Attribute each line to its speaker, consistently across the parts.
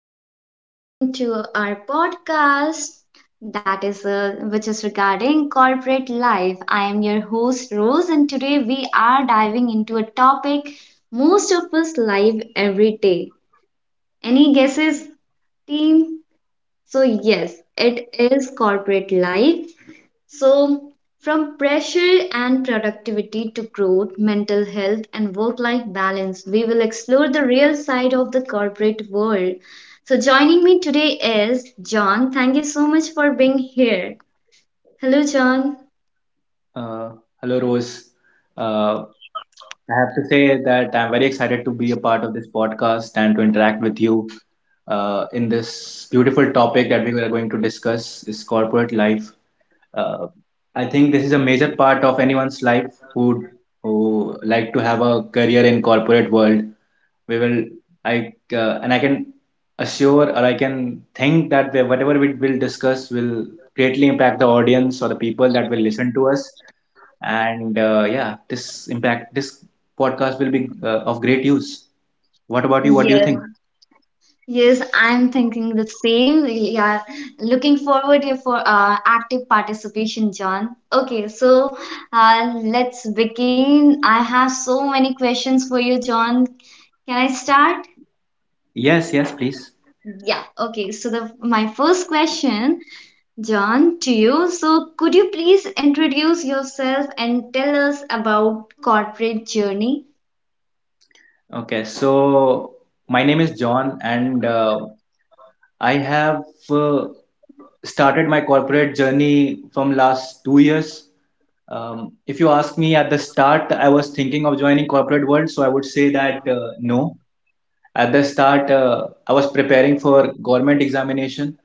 Speaker 1: everyone and welcome to our podcast that is which is regarding corporate life. I am your host Rose and today we are diving into a topic most of us live every day. Any guesses team? So yes, it is corporate life, so, from pressure and productivity to growth, mental health, and work life balance, we will explore the real side of the corporate world. So, joining me today is John. Thank you so much for being here. Hello, John.
Speaker 2: Uh, Hello, Rose. Uh, I have to say that I'm very excited to be a part of this podcast and to interact with you in this beautiful topic that we are going to discuss is corporate life. Uh, I think this is a major part of anyone's life who like to have a career in corporate world. We will I And I can think that whatever we will discuss will greatly impact the audience or the people that will listen to us, and yeah, this podcast will be of great use. What about you? What do you
Speaker 1: Yes,
Speaker 2: think?
Speaker 1: yes, I'm thinking the same. Yeah, looking forward here for active participation, John. Okay, so let's begin. I have so many questions for you, John. Can I start?
Speaker 2: Yes, yes, please.
Speaker 1: Yeah, okay. So the my first question, John, to you. So could you please introduce yourself and tell us about corporate journey?
Speaker 2: Okay, so my name is John, and I have uh, started my corporate journey from last 2 years. If you ask me at the start, I was thinking of joining corporate world, so I would say that no. At the start, I was preparing for government examination.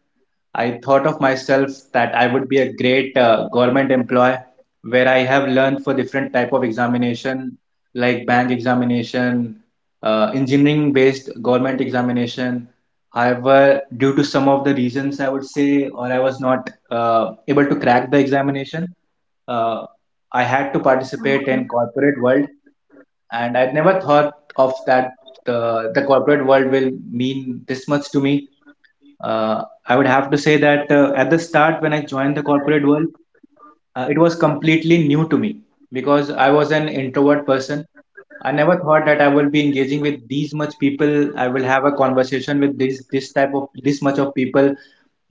Speaker 2: I thought of myself that I would be a great government employee, where I have learned for different type of examination, like bank examination, engineering based government examination. However, due to some of the reasons I would say, or I was not able to crack the examination, uh, I had to participate in corporate world, and I'd never thought of that the corporate world will mean this much to me. I would have to say that at the start, when I joined the corporate world, it was completely new to me because I was an introvert person. I never thought that I will be engaging with these much people. I will have a conversation with this type of this much of people.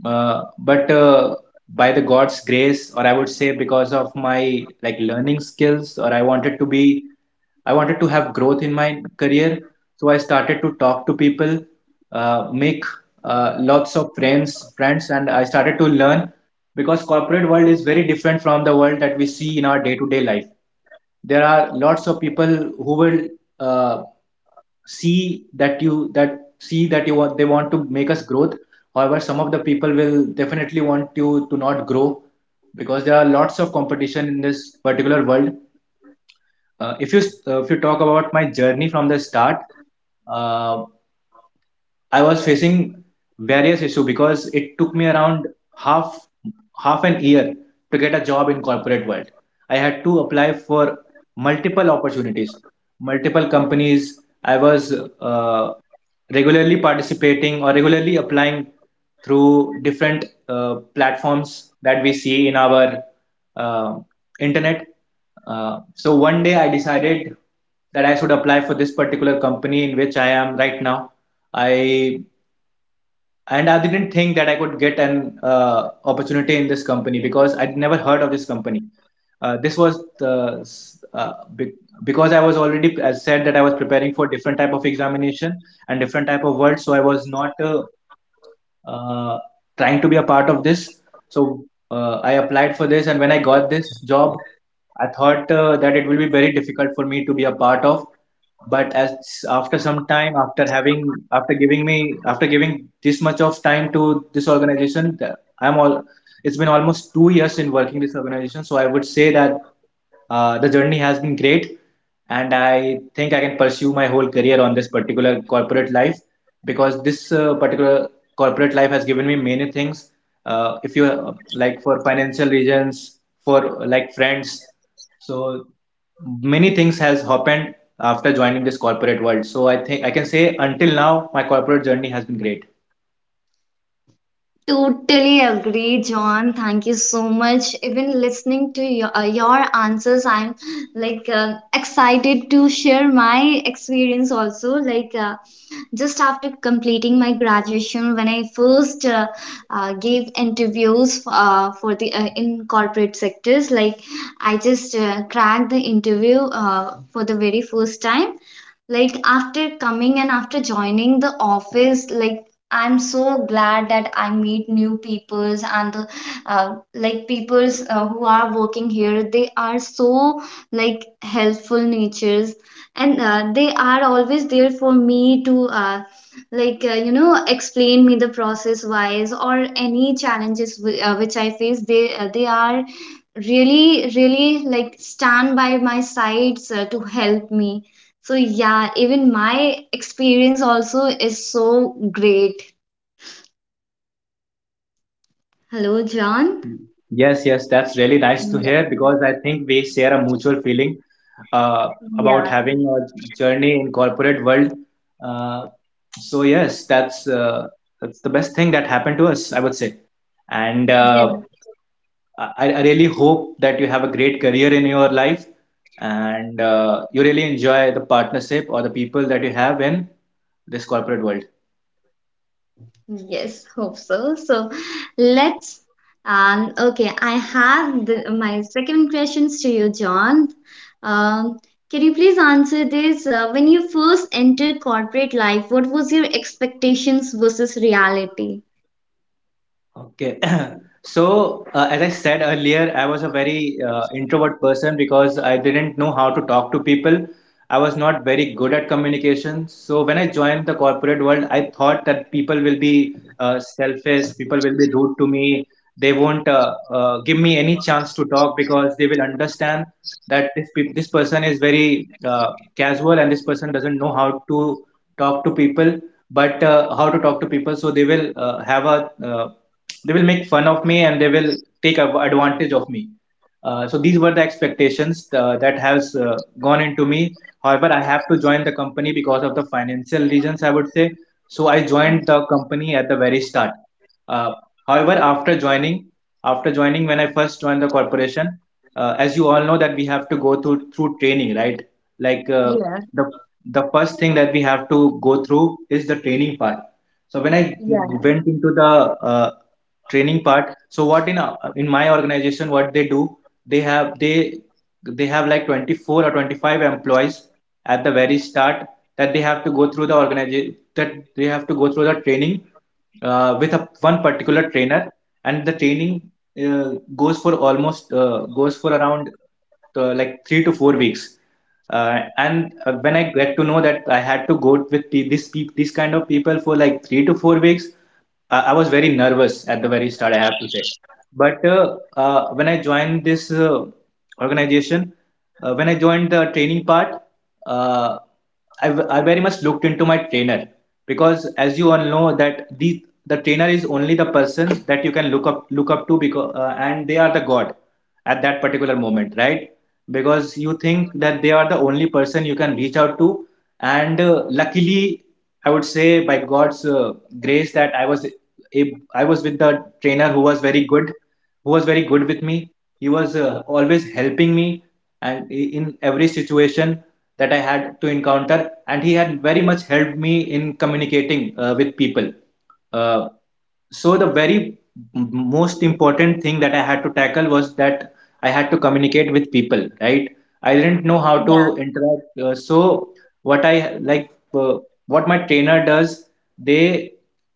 Speaker 2: But by the God's grace, or I would say because of my like learning skills, or I wanted to have growth in my career. So I started to talk to people, make lots of friends, and I started to learn because corporate world is very different from the world that we see in our day-to-day life. There are lots of people who will uh, see that you that see that you want they want to make us growth. However, some of the people will definitely want you to not grow because there are lots of competition in this particular world. Uh, if you uh, if you talk about my journey from the start, uh, I was facing various issue because it took me around half half an year to get a job in corporate world. I had to apply for multiple opportunities, multiple companies. I was uh, regularly participating or regularly applying through different platforms that we see in our uh, internet. So one day I decided that I should apply for this particular company in which I am right now. I I didn't think that I could get an opportunity in this company because I'd never heard of this company. This was the because I was already as said that I was preparing for different type of examination and different type of work, so I was not uh, trying to be a part of this. So I applied for this, and when I got this job, I thought that it will be very difficult for me to be a part of. But as After some time, after having, after giving me, after giving this much of time to this organization, I'm all. It's been almost 2 years in working this organization, so I would say that. The journey has been great, and I think I can pursue my whole career on this particular corporate life because this particular corporate life has given me many things. If you Like, for financial reasons, for like friends, so many things has happened after joining this corporate world. So I think I can say until now my corporate journey has been great.
Speaker 1: Totally agree, John. Thank you so much. Even listening to your answers, I'm like excited to share my experience also. Like just after completing my graduation when I first gave interviews for the in corporate sectors like I just cracked the interview for the very first time, like after coming and after joining the office. Like I'm so glad that I meet new peoples and the like peoples who are working here, they are so like helpful natures, and they are always there for me to, you know, explain me the process wise or any challenges which I face. They they are really really like stand by my sides to help me. So yeah, even my experience also is so great. Hello John.
Speaker 2: Yes, yes, that's really nice to hear because I think we share a mutual feeling uh, about
Speaker 1: Yeah.
Speaker 2: having a journey in corporate world. Uh, so yes, that's the best thing that happened to us, I would say. And
Speaker 1: Yeah.
Speaker 2: I really hope that you have a great career in your life, and you really enjoy the partnership or the people that you have in this corporate world.
Speaker 1: Yes, hope so. So let's, okay, I have my second questions to you John. um can you please answer this: when you first entered corporate life, what was your expectations versus reality?
Speaker 2: Okay. So, as I said earlier, I was a very introvert person because I didn't know how to talk to people. I was not very good at communication. So, when I joined the corporate world, I thought that people will be selfish, people will be rude to me. They won't give me any chance to talk because they will understand that this person is very casual, and this person doesn't know how to talk to people, but how to talk to people. So, they will have a they will make fun of me, and they will take advantage of me. So these were the expectations that has gone into me. However, I have to join the company because of the financial reasons, I would say. So I
Speaker 1: Um,
Speaker 2: joined the company at the very start. uh, However, after joining, when I first joined the corporation, as you all know that we have to go through training, right? Like,
Speaker 1: yeah.
Speaker 2: the the first thing that we have to go through is the training part. So when I
Speaker 1: Yeah,
Speaker 2: went into the uh, training part, so what in my organization, what they do, they have they they have like 24 or 25 employees at the very start, that they have to go through the organization, that they have to go through the training with a one particular trainer. And the training goes for around like 3 to 4 weeks. And when I get to know that I had to go with this kind of people for like 3 to 4 weeks, I was very nervous at the very start, I have to say. But when I joined this organization, when I joined the training part, uh, I very much looked into my trainer, because, as you all know, that the trainer is only the person that you can look up to, because and they are the god at that particular moment, right? Because you think that they are the only person you can reach out to. And luckily, I would say by God's grace that I was with the trainer who was very good, who was very good with me. He was always helping me, and in every situation that I had to encounter, and he had very much helped me in communicating with people. Uh, so the very most important thing that I had to tackle was that I had to communicate with people, right? I didn't know how to
Speaker 1: yeah,
Speaker 2: interact, so what I like what my trainer does, they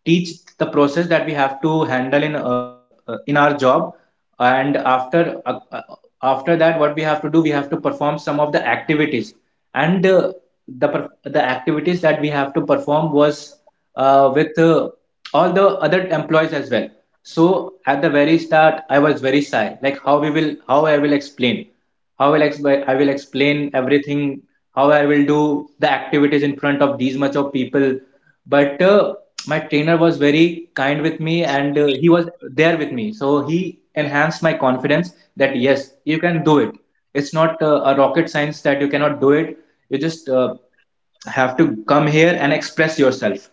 Speaker 2: teach the process that we have to handle in our job. And after that, what we have to do, we have to perform some of the activities. And the per- the activities that we have to perform was with all the other employees as well. So at the very start, I was very shy, like how I will explain, I will explain everything, how I will do the activities in front of these much of people. But my trainer was very kind with me, and he was there with me, so he enhanced my confidence that yes, you can do it. It's not a rocket science that you cannot do it. You just have to come here and express yourself,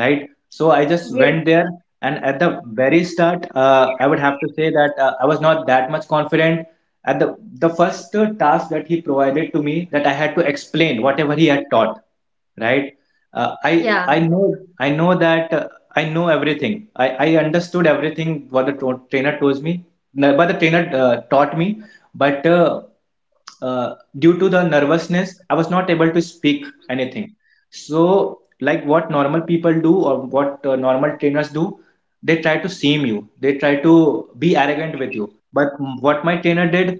Speaker 2: right? So I just
Speaker 1: yes,
Speaker 2: went there. And at the very start, I would have to say that I was not that much confident at the first task that he provided to me, that I had to explain whatever he had taught, right? uh, i
Speaker 1: yeah,
Speaker 2: i know I know that I know everything. I understood everything what the trainer told me. No, but the trainer taught me. But due to the nervousness, I was not able to speak anything. So, like what normal people do, or what normal trainers do, they try to shame you. They try to be arrogant with you. But what my trainer did,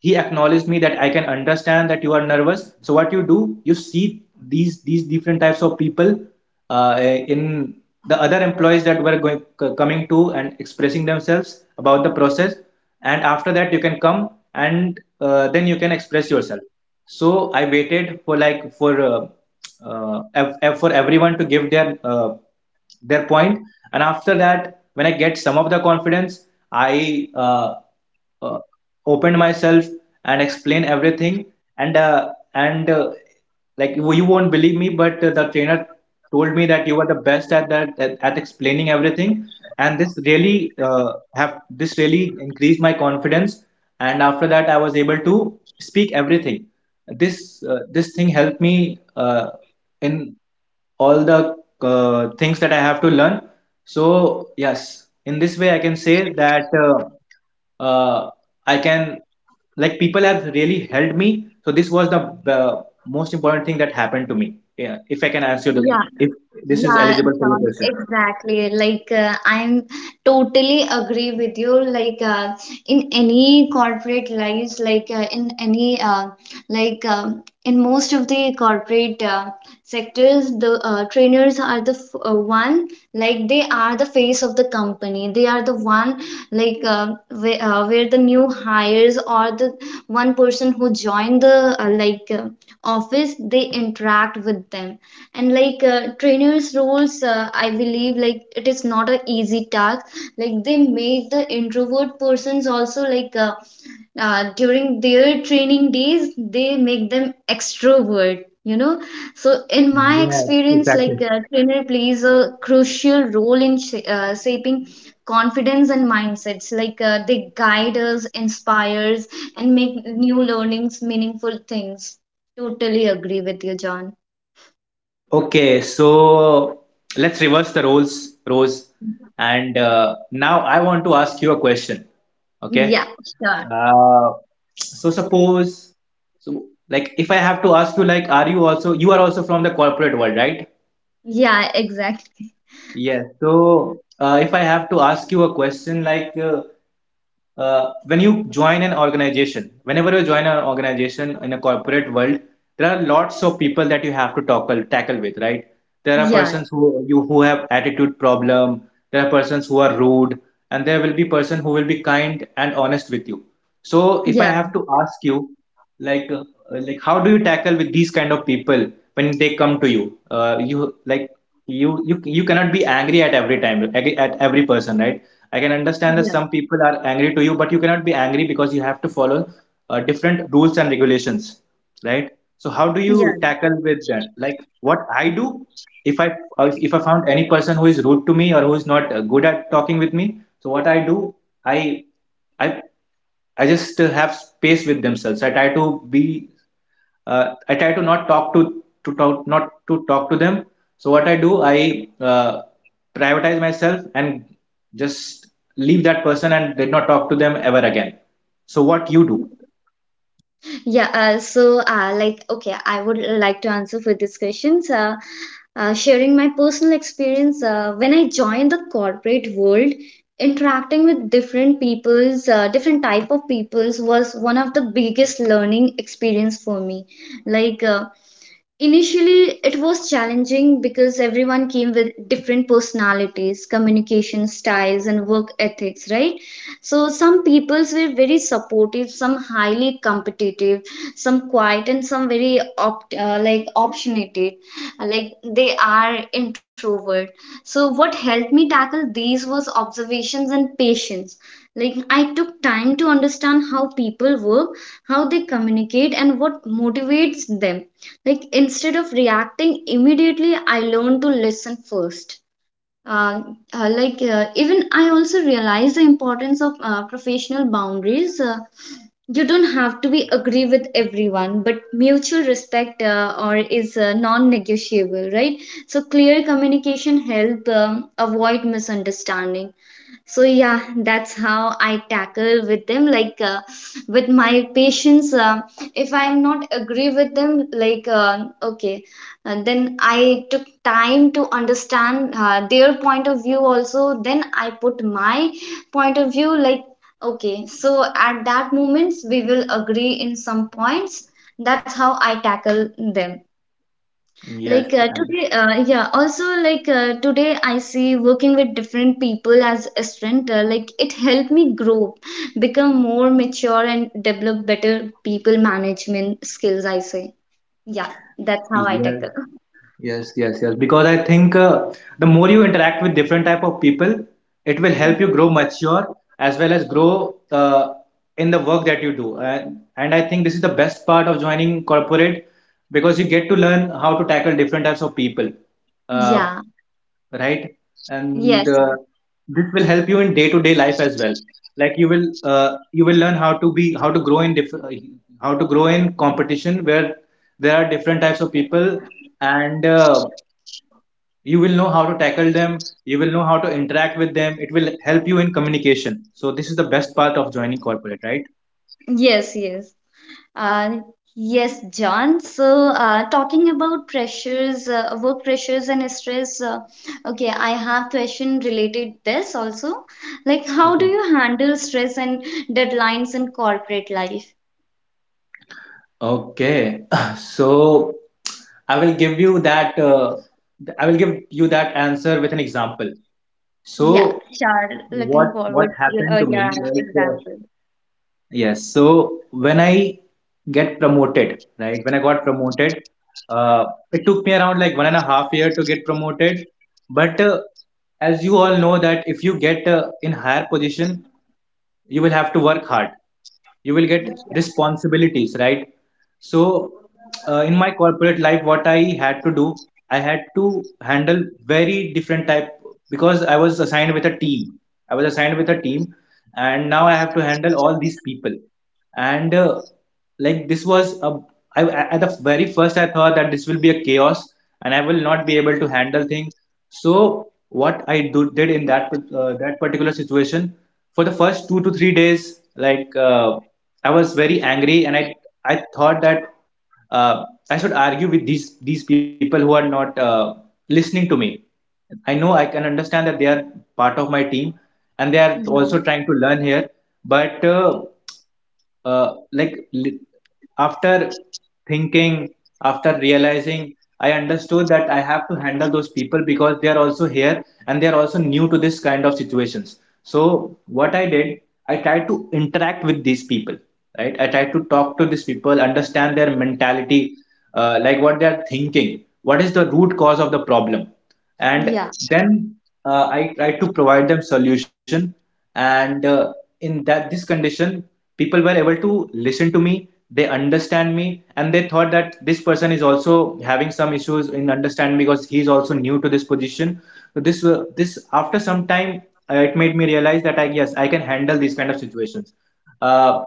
Speaker 2: he acknowledged me that I can understand that you are nervous. So what you do, you see these different types of people in the other employees that were going coming to and expressing themselves about the process. And after that, you can come and then you can express yourself. So I waited for for everyone to give their point. And after that, when I get some of the confidence, I uh, opened myself and explain everything. And like you won't believe me, but the trainer told me that you were the best at that at explaining everything. And uh, have this really increased my confidence. And after that, I was able to speak everything. This thing helped me in all the things that I have to learn. So yes, in this way I can say that, uh, I can like, people have really helped me. So this was the most important thing that happened to me. Yeah, if I can answer the
Speaker 1: yeah.
Speaker 2: if this is
Speaker 1: Yeah,
Speaker 2: eligible for your
Speaker 1: John,
Speaker 2: question.
Speaker 1: exactly. Like, I'm totally agree with you. Like, in any corporate lives, like in any, in most of the corporate sectors, the trainers are the one. Like, they are the face of the company. They are the one, like, where the new hires or the one person who joined the office, they interact with them. And like trainers roles, I believe, like it is not a easy task. Like they make the introvert persons also like, during their training days they make them extrovert, you know. So in my
Speaker 2: Yes,
Speaker 1: experience,
Speaker 2: exactly.
Speaker 1: like trainer plays a crucial role in shaping confidence and mindsets. Like they guide us, inspires, and make new learnings meaningful things. Totally agree with you John.
Speaker 2: Okay, so let's reverse the roles, Rose. And now I want to ask you a question. Okay.
Speaker 1: Yeah, sure.
Speaker 2: Uh, so suppose, so like if I have to ask you, like, you are also from the corporate world, right?
Speaker 1: Yeah, exactly.
Speaker 2: Yes. So if I have to ask you a question, like, when you join an organization, whenever you join an organization in a corporate world, there are lots of people that you have to tackle with, right? There are
Speaker 1: Yeah,
Speaker 2: persons who have attitude problem. There are persons who are rude, and there will be person who will be kind and honest with you. So, if I
Speaker 1: yeah,
Speaker 2: have to ask you, like, like how do you tackle with these kind of people when they come to you, like you cannot be angry at every time at every person, right? I can understand that
Speaker 1: yeah,
Speaker 2: some people are angry to you, but you cannot be angry because you have to follow different rules and regulations, right? So how do
Speaker 1: yeah,
Speaker 2: you tackle with that, like what I do, if i if I found any person who is rude to me or who is not good at talking with me. So what I do, i I I just have space with themselves. I try to not talk to talk, not to talk to them. So what I do, I privatize myself and just leave that person and did not talk to them ever again. So what you do?
Speaker 1: yeah. Like, okay, I would like to answer for these questions. Sharing my personal experience when I joined the corporate world, interacting with different people's, different type of people's was one of the biggest learning experience for me. Like, initially, it was challenging because everyone came with different personalities, communication styles, and work ethics, right? So, some peoples were very supportive, some highly competitive, some quiet, and some very opt, like optionated, like they are introvert. So, what helped me tackle these was observations and patience. Like, I took time to understand how people work, how they communicate, and what motivates them, like instead of reacting immediately, I learned to listen first. Uh, even I also realize the importance of professional boundaries. You don't have to be agree with everyone, but mutual respect or is non-negotiable, right? So clear communication help, avoid misunderstanding. So yeah, that's how I tackle with them, like with my patients, if I am not agree with them, like okay, and then I took time to understand their point of view also, then I put my point of view, like okay, so at that moments we will agree in some points. That's how I tackle them.
Speaker 2: Yes,
Speaker 1: Like today, yeah, also like today I see working with different people as a strength, like it helped me grow, become more mature, and develop better people management skills, I say. Yeah, that's how I
Speaker 2: yes.
Speaker 1: tackle.
Speaker 2: Yes, yes, yes. Because I think the more you interact with different type of people, it will help you grow mature as well as grow in the work that you do. And I think this is the best part of joining corporate because you get to learn how to tackle different types of people,
Speaker 1: Yeah,
Speaker 2: uh,
Speaker 1: yeah,
Speaker 2: right? And
Speaker 1: yes, yes,
Speaker 2: this will help you in day-to-day life as well. Like you will learn how to grow in competition where there are different types of people. And you will know how to tackle them. You will know how to interact with them. It will help you in communication. So this is the best part of joining corporate, right?
Speaker 1: yes, yes. Uh, yes, John. So, talking about pressures, work pressures and stress. Okay, I have question related this also. Like, how do
Speaker 2: Okay.
Speaker 1: you handle stress and deadlines in corporate life?
Speaker 2: Okay. so i will give you that uh, I will give you that answer with an example. So
Speaker 1: Yeah, sure. Looking
Speaker 2: what
Speaker 1: forward to
Speaker 2: happened to
Speaker 1: your
Speaker 2: me, like,
Speaker 1: example.
Speaker 2: yes. So when I get promoted, right? When I got promoted, uh, it took me around like 1.5 year to get promoted. But as you all know that if you get in higher position, you will have to work hard. You will get
Speaker 1: Yeah.
Speaker 2: responsibilities, right? So in my corporate life, what I had to do, I had to handle very different type because I was assigned with a team. I was assigned with a team and now I have to handle all these people. And like this was a I, at the very first, I thought that this will be a chaos and I will not be able to handle things. So what I did in that particular situation. For the first 2 to 3 days, like, I was very angry, and I thought that, uh, I should argue with these people who are not listening to me. I know I can understand that they are part of my team, and they are also trying to learn here, but uh, like li- after thinking after realizing, I understood that I have to handle those people because they are also here and they are also new to this kind of situations. So what I did, I tried to interact with these people. Right, I tried to talk to these people, understand their mentality, like what they are thinking, what is the root cause of the problem. And
Speaker 1: Yeah.
Speaker 2: then, I tried to provide them solution. And in that this condition, people were able to listen to me, they understand me, and they thought that this person is also having some issues in understanding because he is also new to this position. So this after some time, it made me realize that i, yes, I can handle these kind of situations. uh,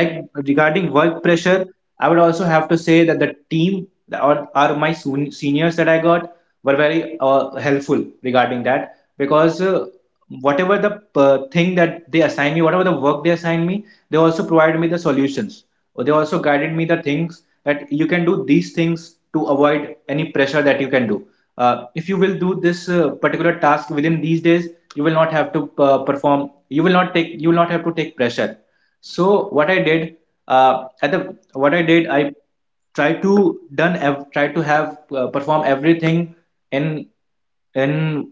Speaker 2: like, regarding work pressure, I would also have to say that the team, or my seniors that I got, were very helpful regarding that. Because, whatever the thing that they assign me, whatever the work they assign me, they also provided me the solutions. Or they also guided me the things that you can do these things to avoid any pressure that you can do. If you will do this particular task within these days, you will not have to perform. You will not take. You will not have to take pressure. So what I did, I tried to done ev- tried to have perform everything in in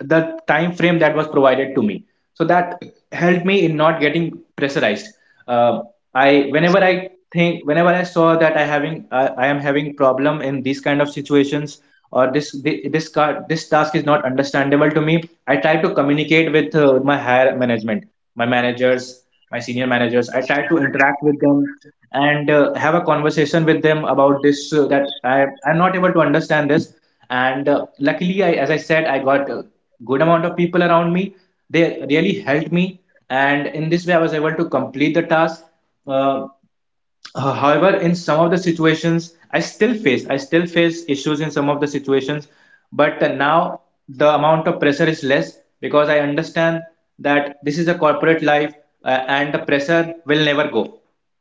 Speaker 2: the time frame that was provided to me. So that helped me in not getting pressurized. Uh, i whenever i think whenever I saw that I am having problem in these kind of situations, or this thi- this car, this task is not understandable to me, I try to communicate with my higher management, my managers, my senior managers. I try to interact with them and have a conversation with them about this, that I'm not able to understand this. And luckily, I, as I said, I got a good amount of people around me. They really helped me, and in this way I was able to complete the task. Uh, However, in some of the situations, I still face issues in some of the situations. But now the amount of pressure is less because I understand that this is a corporate life, and the pressure will never go.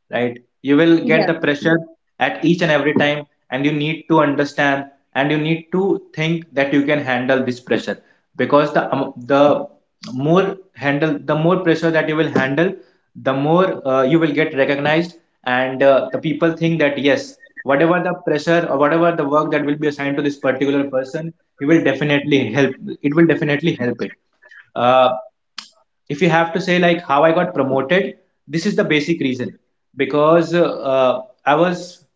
Speaker 2: Right? You will get the
Speaker 1: Yeah.
Speaker 2: pressure at each and every time, and you need to understand, and you need to think that you can handle this pressure. Because the more pressure that you will handle, the more you will get recognized, and the people think that yes, whatever the pressure or whatever the work that will be assigned to this particular person, he will definitely help it will definitely help it. uh, if you have to say like how I got promoted, this is the basic reason. Because I was,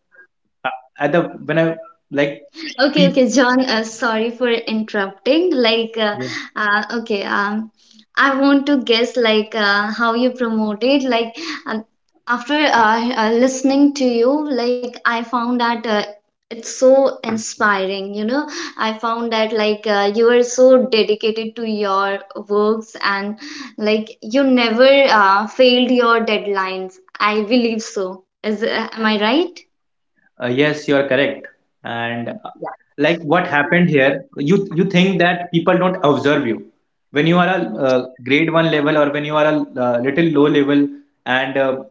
Speaker 2: at the, when i, like,
Speaker 1: Okay,
Speaker 2: people.
Speaker 1: okay, John, sorry for interrupting. Like, okay, I want to guess like how you promote it. Like, um, after listening to you, like I found that it's so inspiring. You know, I found that like you are so dedicated to your works, and like you never failed your deadlines. I believe so. Is am I right?
Speaker 2: Yes, you are correct. And like what happened here, you think that people don't observe you when you are a grade one level, or when you are a little low level, and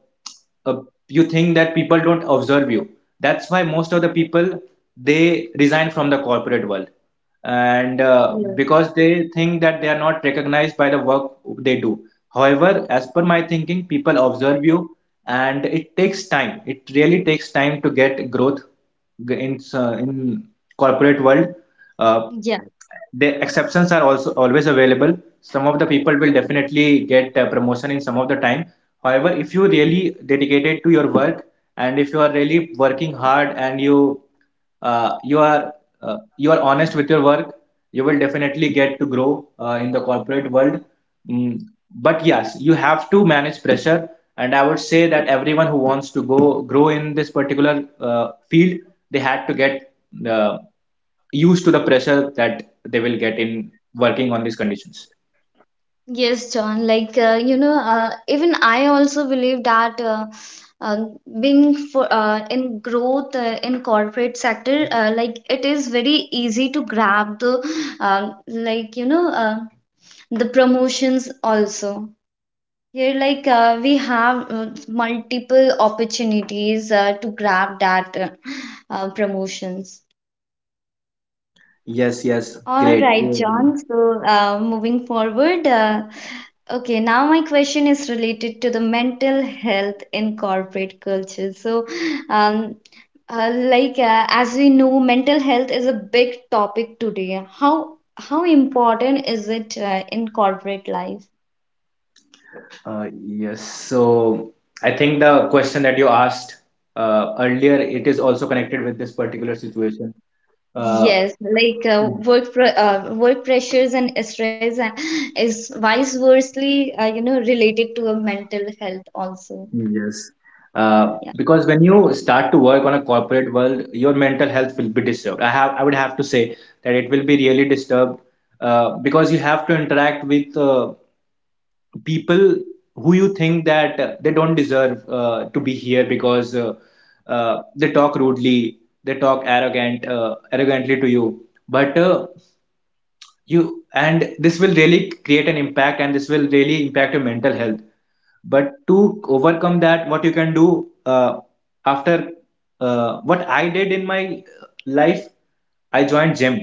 Speaker 2: uh, you think that people don't observe you. That's why most of the people, they resign from the corporate world, and because they think that they are not recognized by the work they do. However, as per my thinking, people observe you, and it takes time. It really takes time to get growth in in corporate world. Uh,
Speaker 1: Yeah.
Speaker 2: the exceptions are also always available. Some of the people will definitely get a promotion in some of the time. However, if you really dedicated to your work, and if you are really working hard, and uh, you are you are honest with your work, you will definitely get to grow in the corporate world. Mm, but yes, you have to manage pressure, and I would say that everyone who wants to go grow in this particular field, they had to get uh, used to the pressure that they will get in working on these conditions.
Speaker 1: Yes, John. Like you know, even I also believe that uh, being for in growth in corporate sector, like it is very easy to grab the, you know, the promotions also. Here, like we have multiple opportunities to grab that promotions.
Speaker 2: Yes, yes,
Speaker 1: All
Speaker 2: great.
Speaker 1: right, John.
Speaker 2: Really.
Speaker 1: So, moving forward, okay, now my question is related to the mental health in corporate culture. So, um, like as we know, mental health is a big topic today. How important is it in corporate life?
Speaker 2: Yes, so I think the question that you asked earlier, it is also connected with this particular situation. Uh,
Speaker 1: Yes, like work pressures and stress is vice versely, you know, related to a mental health also.
Speaker 2: yes,
Speaker 1: Yeah.
Speaker 2: because when you start to work on a corporate world, your mental health will be disturbed. I would have to say that it will be really disturbed, because you have to interact with people who you think that they don't deserve to be here, because they talk rudely, they talk arrogantly to you, but you and this will really create an impact, and this will really impact your mental health. But to overcome that, what you can do, after what I did in my life, I joined gym.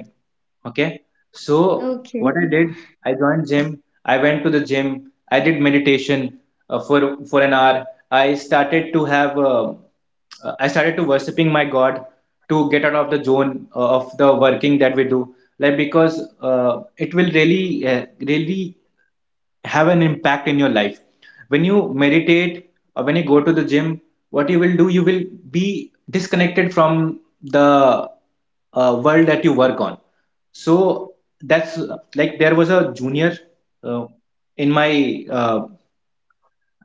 Speaker 2: Okay, so
Speaker 1: Okay.
Speaker 2: what I did, I joined gym, I went to the gym, I did meditation for an hour. I started to have I started to worshiping my god, to get out of the zone of the working that we do, like, because it will really, really have an impact in your life. When you meditate, or when you go to the gym, what you will do, you will be disconnected from the world that you work on. So that's, like, there was a junior uh, in my,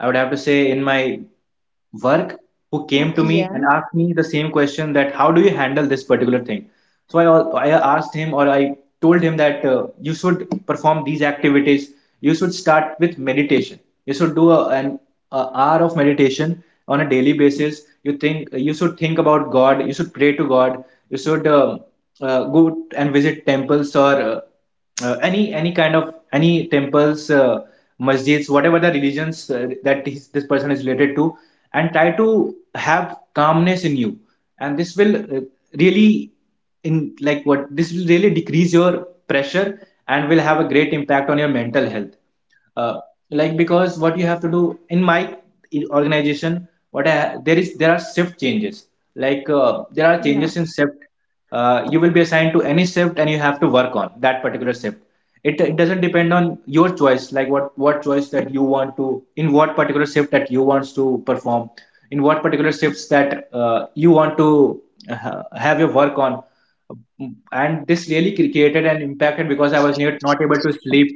Speaker 2: I would have to say, in my work, who came to me
Speaker 1: Yeah,
Speaker 2: and asked me the same question, that how do you handle this particular thing. So I asked him, or I told him that you should perform these activities, you should start with meditation, you should do a hour of meditation on a daily basis, you should think about god, you should pray to god, you should go and visit temples, or any kind of any temples, masjids, whatever the religions that this person is related to, and try to have calmness in you. And this will really in like what this will really decrease your pressure, and will have a great impact on your mental health. uh, like, because what you have to do in my organization, there are shift changes. Like, there are
Speaker 1: yeah,
Speaker 2: changes in shift. You will be assigned to any shift, and you have to work on that particular shift. It doesn't depend on your choice, like what choice that you want to, in what particular shift that you wants to perform, in what particular shifts that you want to have your work on. And this really created an impact, because I was not able to sleep.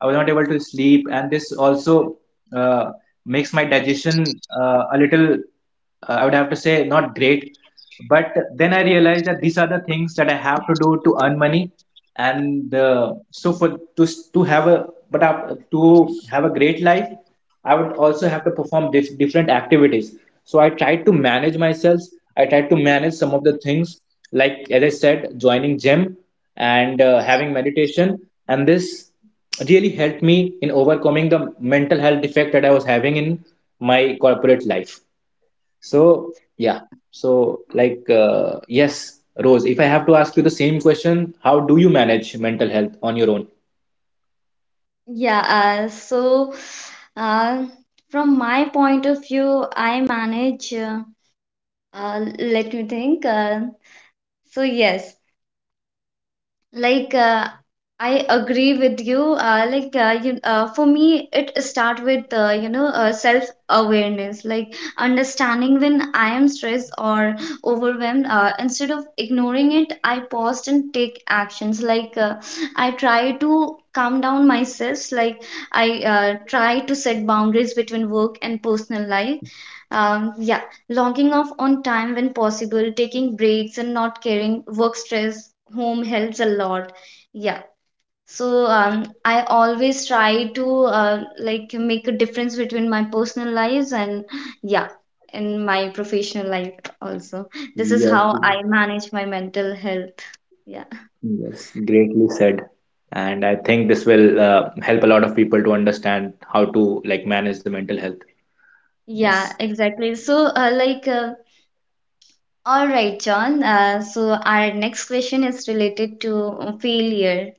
Speaker 2: I was not able to sleep, and this also uh, makes my digestion a little. I would have to say, not great, but then I realized that these are the things that I have to do to earn money, and so for to to have a, to have a great life, I would also have to perform different activities. So I tried to manage myself. I tried to manage some of the things, like, as I said, joining gym and having meditation, and this really helped me in overcoming the mental health effect that I was having in my corporate life. So yeah, so like, yes, Rose, if I have to ask you the same question, how do you manage mental health on your own?
Speaker 1: yeah. Uh, from my point of view, I manage. Let me think. So yes, like I agree with you. For me, it start with, you know, self awareness, like understanding when I am stressed or overwhelmed. Instead of ignoring it, I pause and take actions. Like I try to calm down myself. Like I try to set boundaries between work and personal life. Yeah, logging off on time when possible, taking breaks, and not carrying work stress home helps a lot. Yeah. So I always try to like make a difference between my personal lives and, yeah, and my professional life also. This is
Speaker 2: Yes.
Speaker 1: how I manage my mental health. Yeah.
Speaker 2: Yes, greatly said. And I think this will help a lot of people to understand how to, like, manage the mental health.
Speaker 1: Yeah,
Speaker 2: Yes.
Speaker 1: exactly. So, all right, John. So, our next question is related to failure.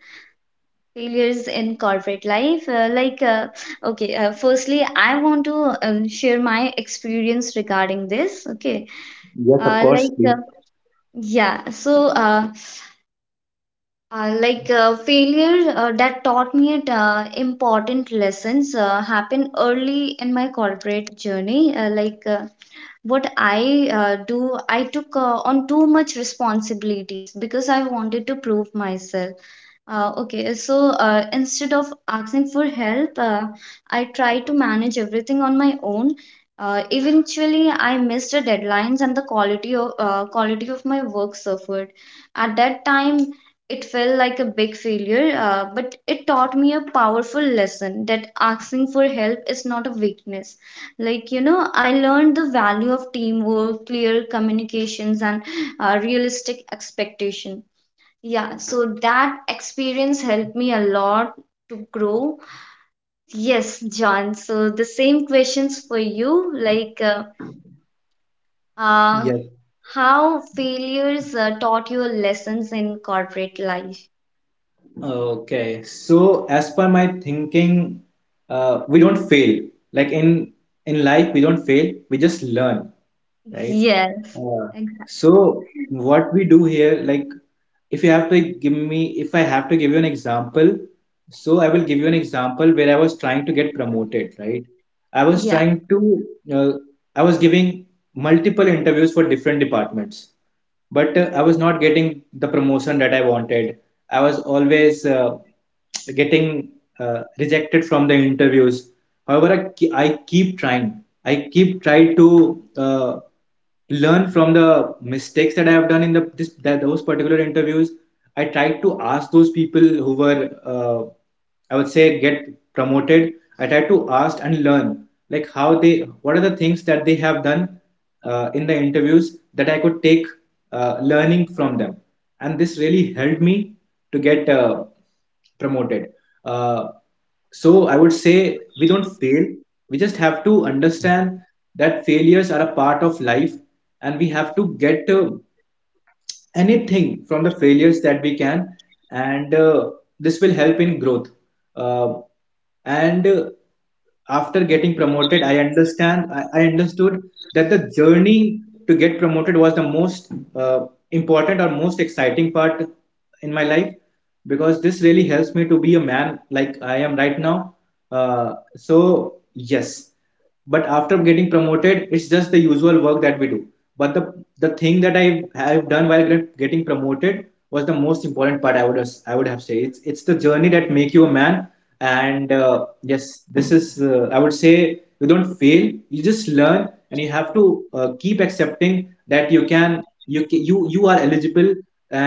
Speaker 1: Failures in corporate life, okay, firstly I want to, share my experience regarding this, okay?
Speaker 2: Yes, of
Speaker 1: uh,
Speaker 2: course.
Speaker 1: like
Speaker 2: Please.
Speaker 1: uh, yeah, so uh, failure that taught me it, important lessons happened early in my corporate journey. What I do, I took on too much responsibilities because I wanted to prove myself. Okay, so instead of asking for help, I tried to manage everything on my own. Eventually, I missed the deadlines and the quality of my work suffered. At that time, it felt like a big failure, but it taught me a powerful lesson that asking for help is not a weakness. Like, you know, I learned the value of teamwork, clear communications, and realistic expectation. Yeah, so that experience helped me a lot to grow. Yes, John. So the same questions for you. Like, uh,
Speaker 2: Yes.
Speaker 1: how failures taught you lessons in corporate life?
Speaker 2: Okay, so as per my thinking, we don't fail. Like, in life, we don't fail. We just learn, right?
Speaker 1: Yes,
Speaker 2: Uh,
Speaker 1: exactly.
Speaker 2: So what we do here, like, if you have to give me if I have to give you an example, so I will give you an example where I was trying to get promoted, right? i was
Speaker 1: Yeah.
Speaker 2: trying to uh, i was giving multiple interviews for different departments, but I was not getting the promotion that I wanted. I was always getting rejected from the interviews. However, I keep trying, to uh, learn from the mistakes that I have done in the this that those particular interviews. I tried to ask those people who were, uh, I would say, get promoted. I try to ask and learn, like, how they what are the things that they have done in the interviews that I could take learning from them, and this really helped me to get promoted. Uh, so I would say we don't fail. We just have to understand that failures are a part of life, and we have to get anything from the failures that we can. And this will help in growth. Uh, and After getting promoted, I understood that the journey to get promoted was the most important, or most exciting part in my life, because this really helps me to be a man like I am right now. So yes, but after getting promoted, it's just the usual work that we do. But the thing that I have done while getting promoted was the most important part. I would have said, it's the journey that make you a man. And yes, this is, I would say, you don't fail, you just learn. And you have to keep accepting that you can you ca- you are eligible,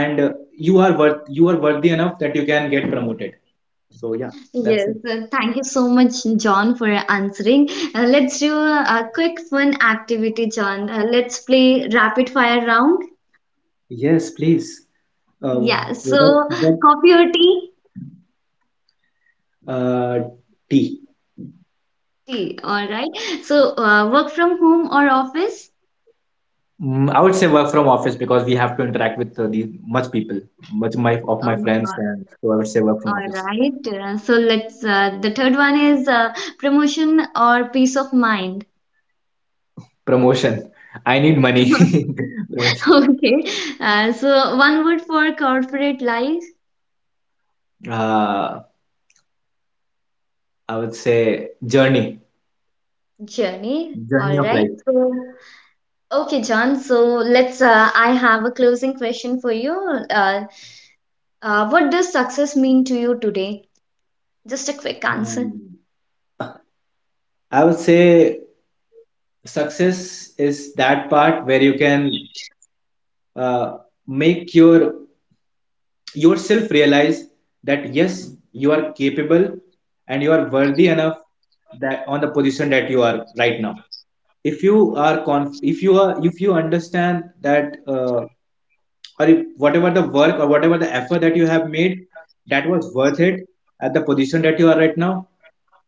Speaker 2: and you are worthy enough that you can get promoted. So yeah. That's
Speaker 1: Yes,
Speaker 2: it.
Speaker 1: thank you so much, John, for answering. Let's do a quick fun activity, John. Let's play rapid fire round.
Speaker 2: Yes, please. uh,
Speaker 1: Yeah, so
Speaker 2: what,
Speaker 1: coffee or tea?
Speaker 2: Uh, T.
Speaker 1: Tea, all right. So work from home or office?
Speaker 2: I would say work from office, because we have to interact with the much people, much my of my
Speaker 1: Um,
Speaker 2: friends,
Speaker 1: uh,
Speaker 2: and so I would say work from
Speaker 1: all
Speaker 2: office.
Speaker 1: right. So let's, the third one is promotion or peace of mind.
Speaker 2: Promotion. I need money. Promotion.
Speaker 1: Okay. So one word for corporate life.
Speaker 2: Uh, I would say journey.
Speaker 1: Journey.
Speaker 2: Journey
Speaker 1: All
Speaker 2: of
Speaker 1: right.
Speaker 2: life.
Speaker 1: So okay, John. So let's. I have a closing question for you. Uh, what does success mean to you today? Just a quick answer.
Speaker 2: Um, I would say success is that part where you can uh, make yourself realize that yes, you are capable, and you are worthy enough, that on the position that you are right now, if you are conf- if you are if you understand that, or if whatever the work, or whatever the effort that you have made, that was worth it at the position that you are right now,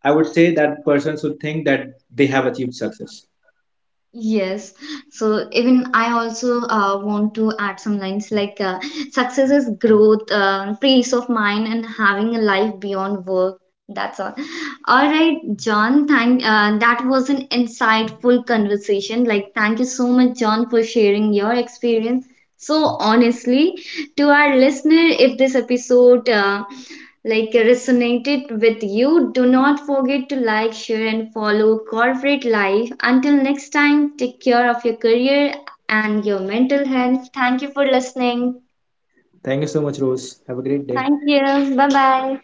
Speaker 2: I would say that person should think that they have achieved success.
Speaker 1: Yes, so even I also want to add some lines like success is growth, peace of mind, and having a life beyond work. That's all. All right, John. Thank. That was an insightful conversation. Like, thank you so much, John, for sharing your experience so honestly to our listener. If this episode like resonated with you, do not forget to like, share, and follow Corporate Life. Until next time, take care of your career and your mental health. Thank you for listening.
Speaker 2: Thank you so much, Rose. Have a
Speaker 1: Thank
Speaker 2: great day.
Speaker 1: you. Bye bye.